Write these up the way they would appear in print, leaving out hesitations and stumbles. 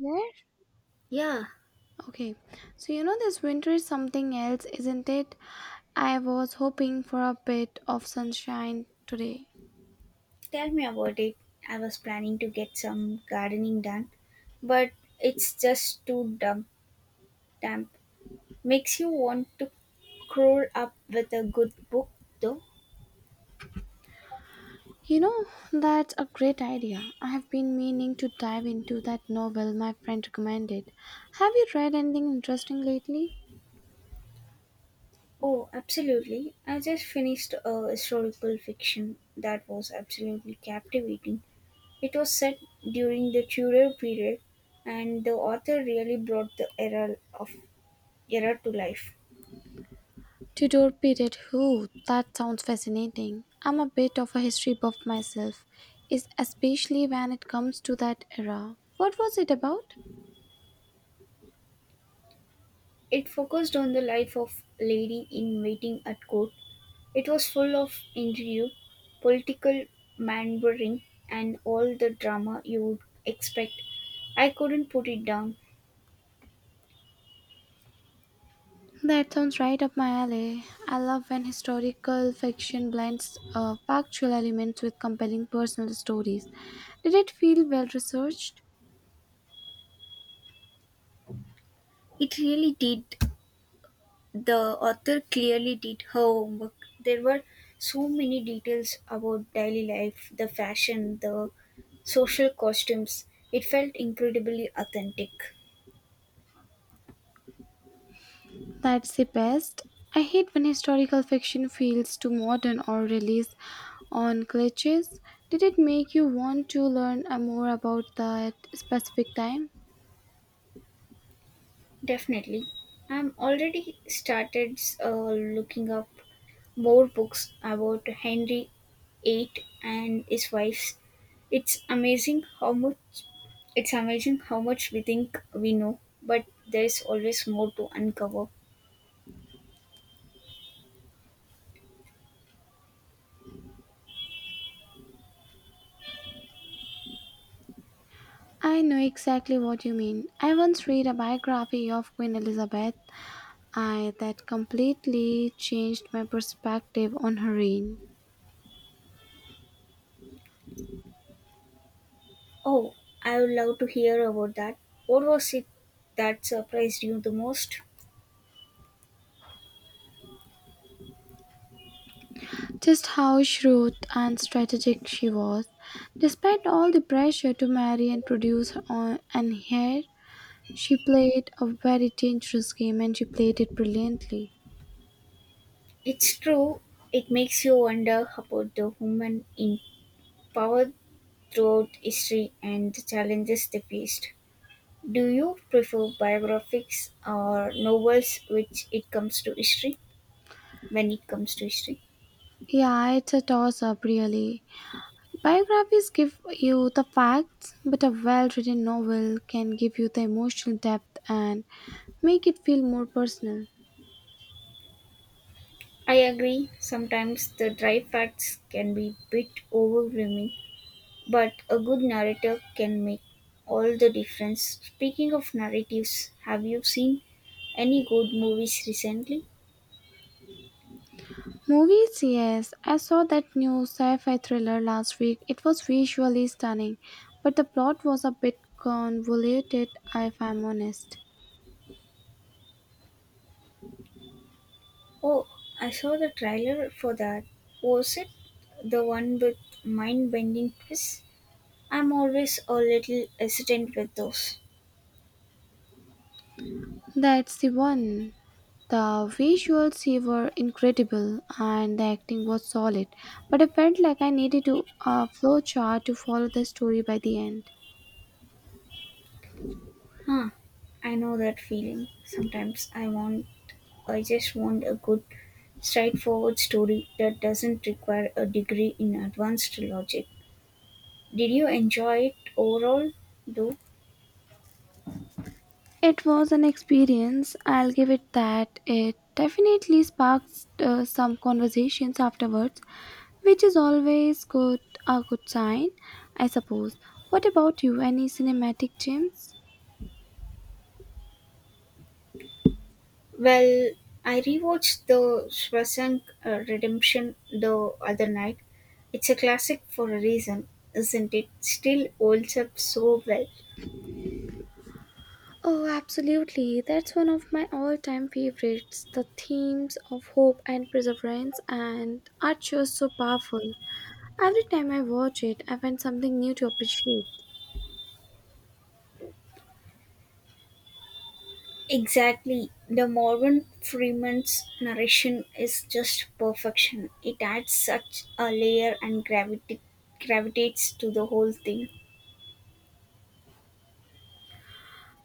There? Yeah, Okay, so you know this winter is something else, isn't it? I was hoping for a bit of sunshine today. tell me about it. I was planning to get some gardening done, but it's just too damp. Makes you want to curl up with a good book, though. You know, that's a great idea. I have been meaning to dive into that novel my friend recommended. Have you read anything interesting lately? Oh, absolutely. I just finished a historical fiction that was absolutely captivating. It was set during the Tudor period, and the author really brought the era to life. Tudor period. Who? That sounds fascinating. I'm a bit of a history buff myself, is especially when it comes to that era. What was it about? It focused on the life of lady in waiting at court. It was full of intrigue, political maneuvering, and all the drama you would expect. I couldn't put it down. That sounds right up my alley. I love when historical fiction blends factual elements with compelling personal stories. Did it feel well researched? It really did. The author clearly did her homework. There were so many details about daily life, the fashion, the social costumes. It felt incredibly authentic. That's the best. I hate when historical fiction feels too modern or relies on cliches. Did it make you want to learn more about that specific time? Definitely. I'm already started looking up more books about Henry VIII and his wives. It's amazing how much it's amazing how much we think we know, but there's always more to uncover. I know exactly what you mean. I once read a biography of Queen Elizabeth I, that completely changed my perspective on her reign. Oh, I would love to hear about that. What was it that surprised you the most? Just how shrewd and strategic she was. Despite all the pressure to marry and produce on an heir, she played a very dangerous game and she played it brilliantly. It's true. It makes you wonder about the women in power throughout history and the challenges they faced. Do you prefer biographies or novels which it comes to history when it comes to history? Yeah, it's a toss up, really. Biographies give you the facts, but a well written novel can give you the emotional depth and make it feel more personal. I agree, sometimes the dry facts can be a bit overwhelming, but a good narrator can make all the difference. Speaking of narratives, have you seen any good movies recently? Movies, yes, I saw that new sci fi thriller last week. It was visually stunning, but the plot was a bit convoluted, if I'm honest. Oh, I saw the trailer for that. Was it the one with mind bending twists? I'm always a little hesitant with those. That's the one. The visuals here were incredible and the acting was solid, but I felt like I needed to, a flowchart to follow the story by the end. Huh, I know that feeling. Sometimes I want I just want a good straightforward story that doesn't require a degree in advanced logic. Did you enjoy it overall though? It was an experience, I'll give it that. It definitely sparked some conversations afterwards, which is always good a good sign, I suppose. What about you? Any cinematic gems? Well, I rewatched the Shwasank Redemption the other night. It's a classic for a reason, isn't it? Still holds up so well. Oh, absolutely. That's one of my all time favorites. The themes of hope and perseverance and are just so powerful. Every time I watch it, I find something new to appreciate. Exactly. The Morgan Freeman's narration is just perfection. It adds such a layer and gravity gravitates to the whole thing.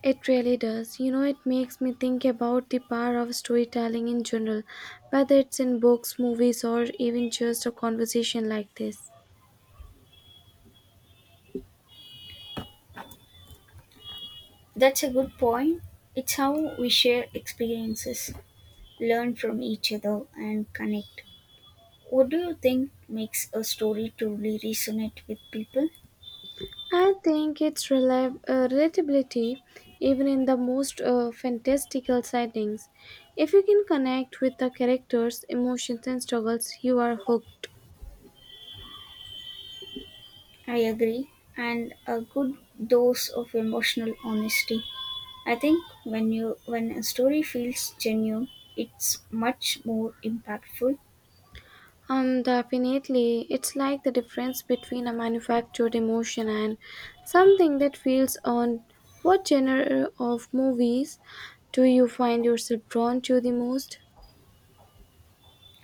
It really does. You know, it makes me think about the power of storytelling in general, whether it's in books, movies, or even just a conversation like this. That's a good point. It's how we share experiences, learn from each other and connect. What do you think makes a story truly resonate with people? I think its relatability, even in the most fantastical settings, if you can connect with the characters' emotions and struggles, you are hooked. I agree. And a good dose of emotional honesty. I think when a story feels genuine, it's much more impactful. Definitely. It's like the difference between a manufactured emotion and something that feels on what genre of movies do you find yourself drawn to the most?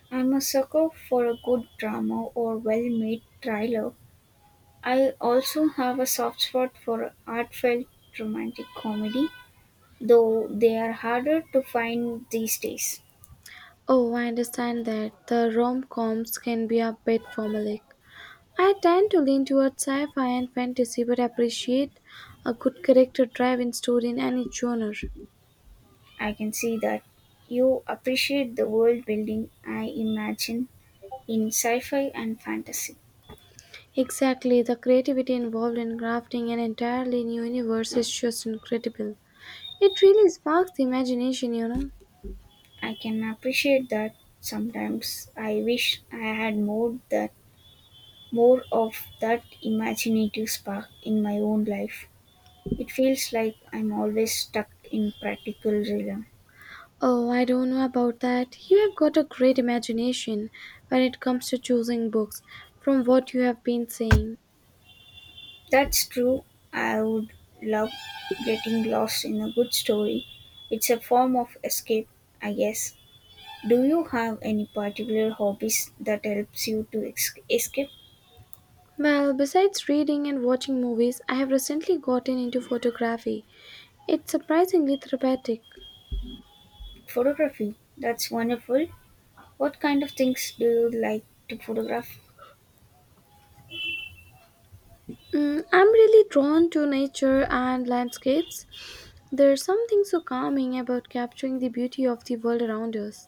I'm a sucker for a good drama or well-made thriller. I also have a soft spot for heartfelt romantic comedy, though they are harder to find these days. Oh, I understand that the rom coms can be a bit formulaic. I tend to lean towards sci fi and fantasy but appreciate a good character driven story in any genre. I can see that you appreciate the world building I imagine in sci fi and fantasy. Exactly, the creativity involved in crafting an entirely new universe is just incredible. It really sparks the imagination, you know. I can appreciate that sometimes I wish I had more of that imaginative spark in my own life. It feels like I'm always stuck in practical realm. Oh, I don't know about that. You have got a great imagination when it comes to choosing books, from what you have been saying. That's true. I would love getting lost in a good story. It's a form of escape, I guess. Do you have any particular hobbies that helps you to escape? Well, besides reading and watching movies, I have recently gotten into photography. It's surprisingly therapeutic. Photography. That's wonderful. What kind of things do you like to photograph? I'm really drawn to nature and landscapes. There's something so calming about capturing the beauty of the world around us.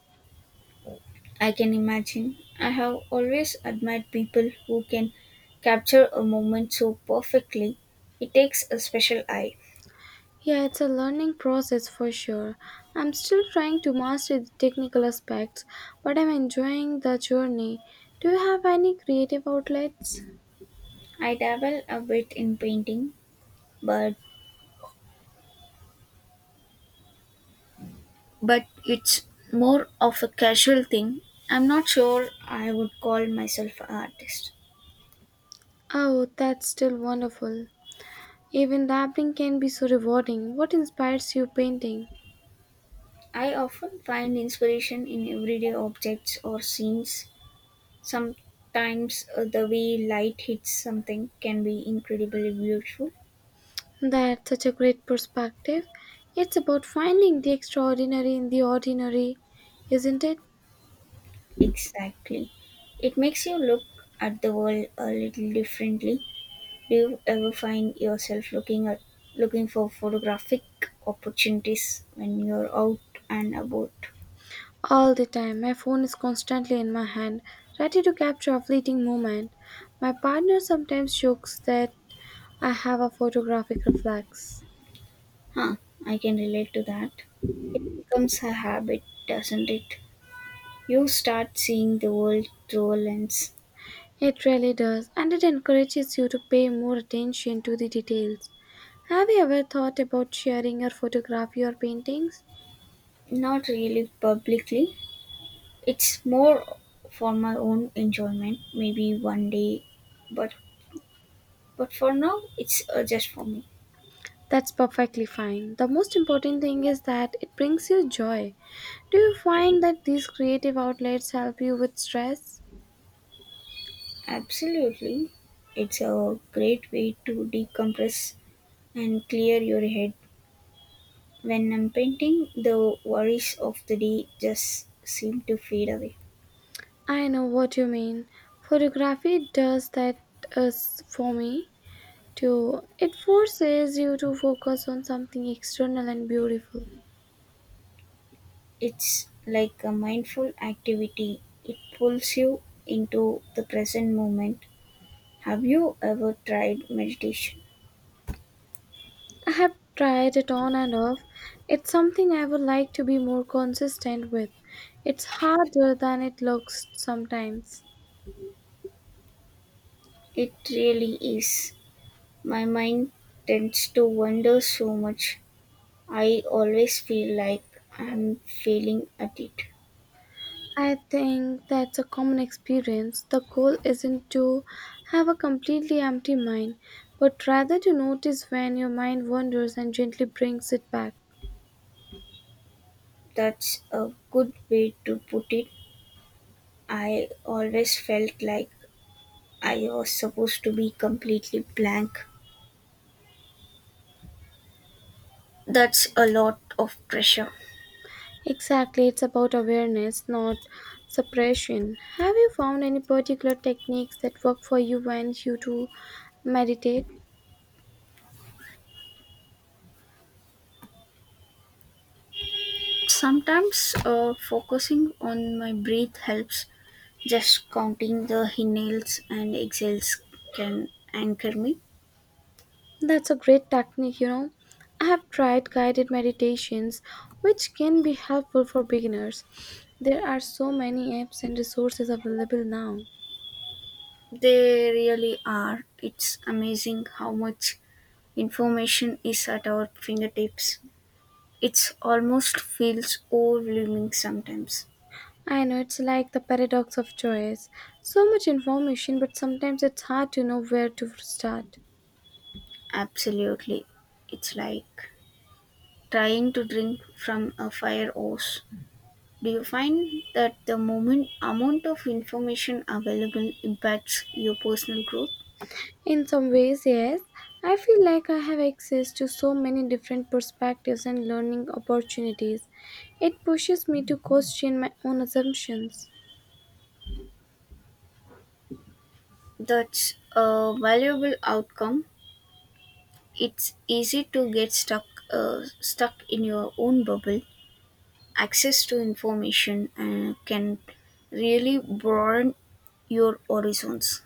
I can imagine. I have always admired people who can capture a moment so perfectly. It takes a special eye. Yeah, it's a learning process for sure. I'm still trying to master the technical aspects, but I'm enjoying the journey. Do you have any creative outlets? I dabble a bit in painting, but but it's more of a casual thing. I'm not sure I would call myself an artist. Oh, that's still wonderful. Even dabbling can be so rewarding. What inspires you painting? I often find inspiration in everyday objects or scenes. Sometimes the way light hits something can be incredibly beautiful. That's such a great perspective. It's about finding the extraordinary in the ordinary, isn't it? Exactly. It makes you look at the world a little differently. Do you ever find yourself looking for photographic opportunities when you're out and about? All the time, my phone is constantly in my hand, ready to capture a fleeting moment. My partner sometimes jokes that I have a photographic reflex. Huh, I can relate to that. It becomes a habit, doesn't it? You start seeing the world through a lens. It really does, and it encourages you to pay more attention to the details. Have you ever thought about sharing your photography or paintings? Not really publicly. It's more for my own enjoyment, maybe one day, but for now it's just for me. That's perfectly fine. The most important thing is that it brings you joy. Do you find that these creative outlets help you with stress? Absolutely. It's a great way to decompress and clear your head. When I'm painting, the worries of the day just seem to fade away. I know what you mean. Photography does that us for me too. It forces you to focus on something external and beautiful. It's like a mindful activity, it pulls you into the present moment. Have you ever tried meditation? I have tried it on and off. It's something I would like to be more consistent with. It's harder than it looks sometimes. It really is. My mind tends to wander so much. I always feel like I'm failing at it. I think that's a common experience. The goal isn't to have a completely empty mind, but rather to notice when your mind wanders and gently brings it back. That's a good way to put it. I always felt like I was supposed to be completely blank. That's a lot of pressure. Exactly, it's about awareness, not suppression. Have you found any particular techniques that work for you when you do meditate? Sometimes focusing on my breath helps. Just counting the inhales and exhales can anchor me. That's a great technique, you know. I have tried guided meditations, which can be helpful for beginners. There are so many apps and resources available now. They really are. It's amazing how much information is at our fingertips. It almost feels overwhelming sometimes. I know it's like the paradox of choice. So much information, but sometimes it's hard to know where to start. Absolutely. It's like trying to drink from a fire hose. Do you find that the moment amount of information available impacts your personal growth? In some ways, yes. I feel like I have access to so many different perspectives and learning opportunities. It pushes me to question my own assumptions. That's a valuable outcome. It's easy to get stuck in your own bubble. Access to information can really broaden your horizons.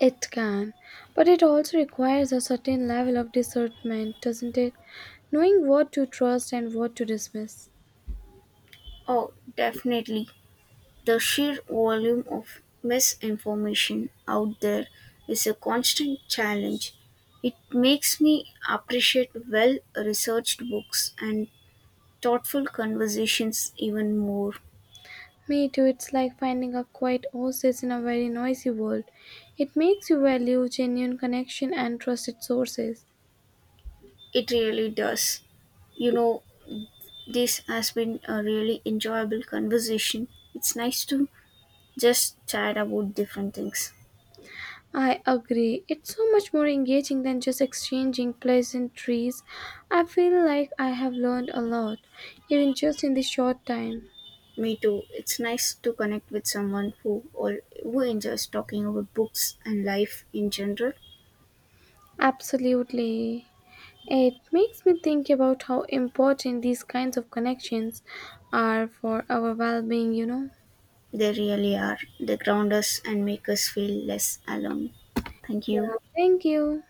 It can, but it also requires a certain level of discernment, doesn't it? Knowing what to trust and what to dismiss. Oh, definitely. The sheer volume of misinformation out there is a constant challenge. It makes me appreciate well researched books and thoughtful conversations even more. Me too, it's like finding a quiet oasis in a very noisy world. It makes you value genuine connection and trusted sources. It really does. You know, this has been a really enjoyable conversation. It's nice to just chat about different things. I agree. It's so much more engaging than just exchanging pleasantries. I feel like I have learned a lot, even just in this short time. Me too. It's nice to connect with someone who enjoys talking about books and life in general. Absolutely. It makes me think about how important these kinds of connections are for our well being, you know? They really are. They ground us and make us feel less alone. Thank you. Yeah, thank you.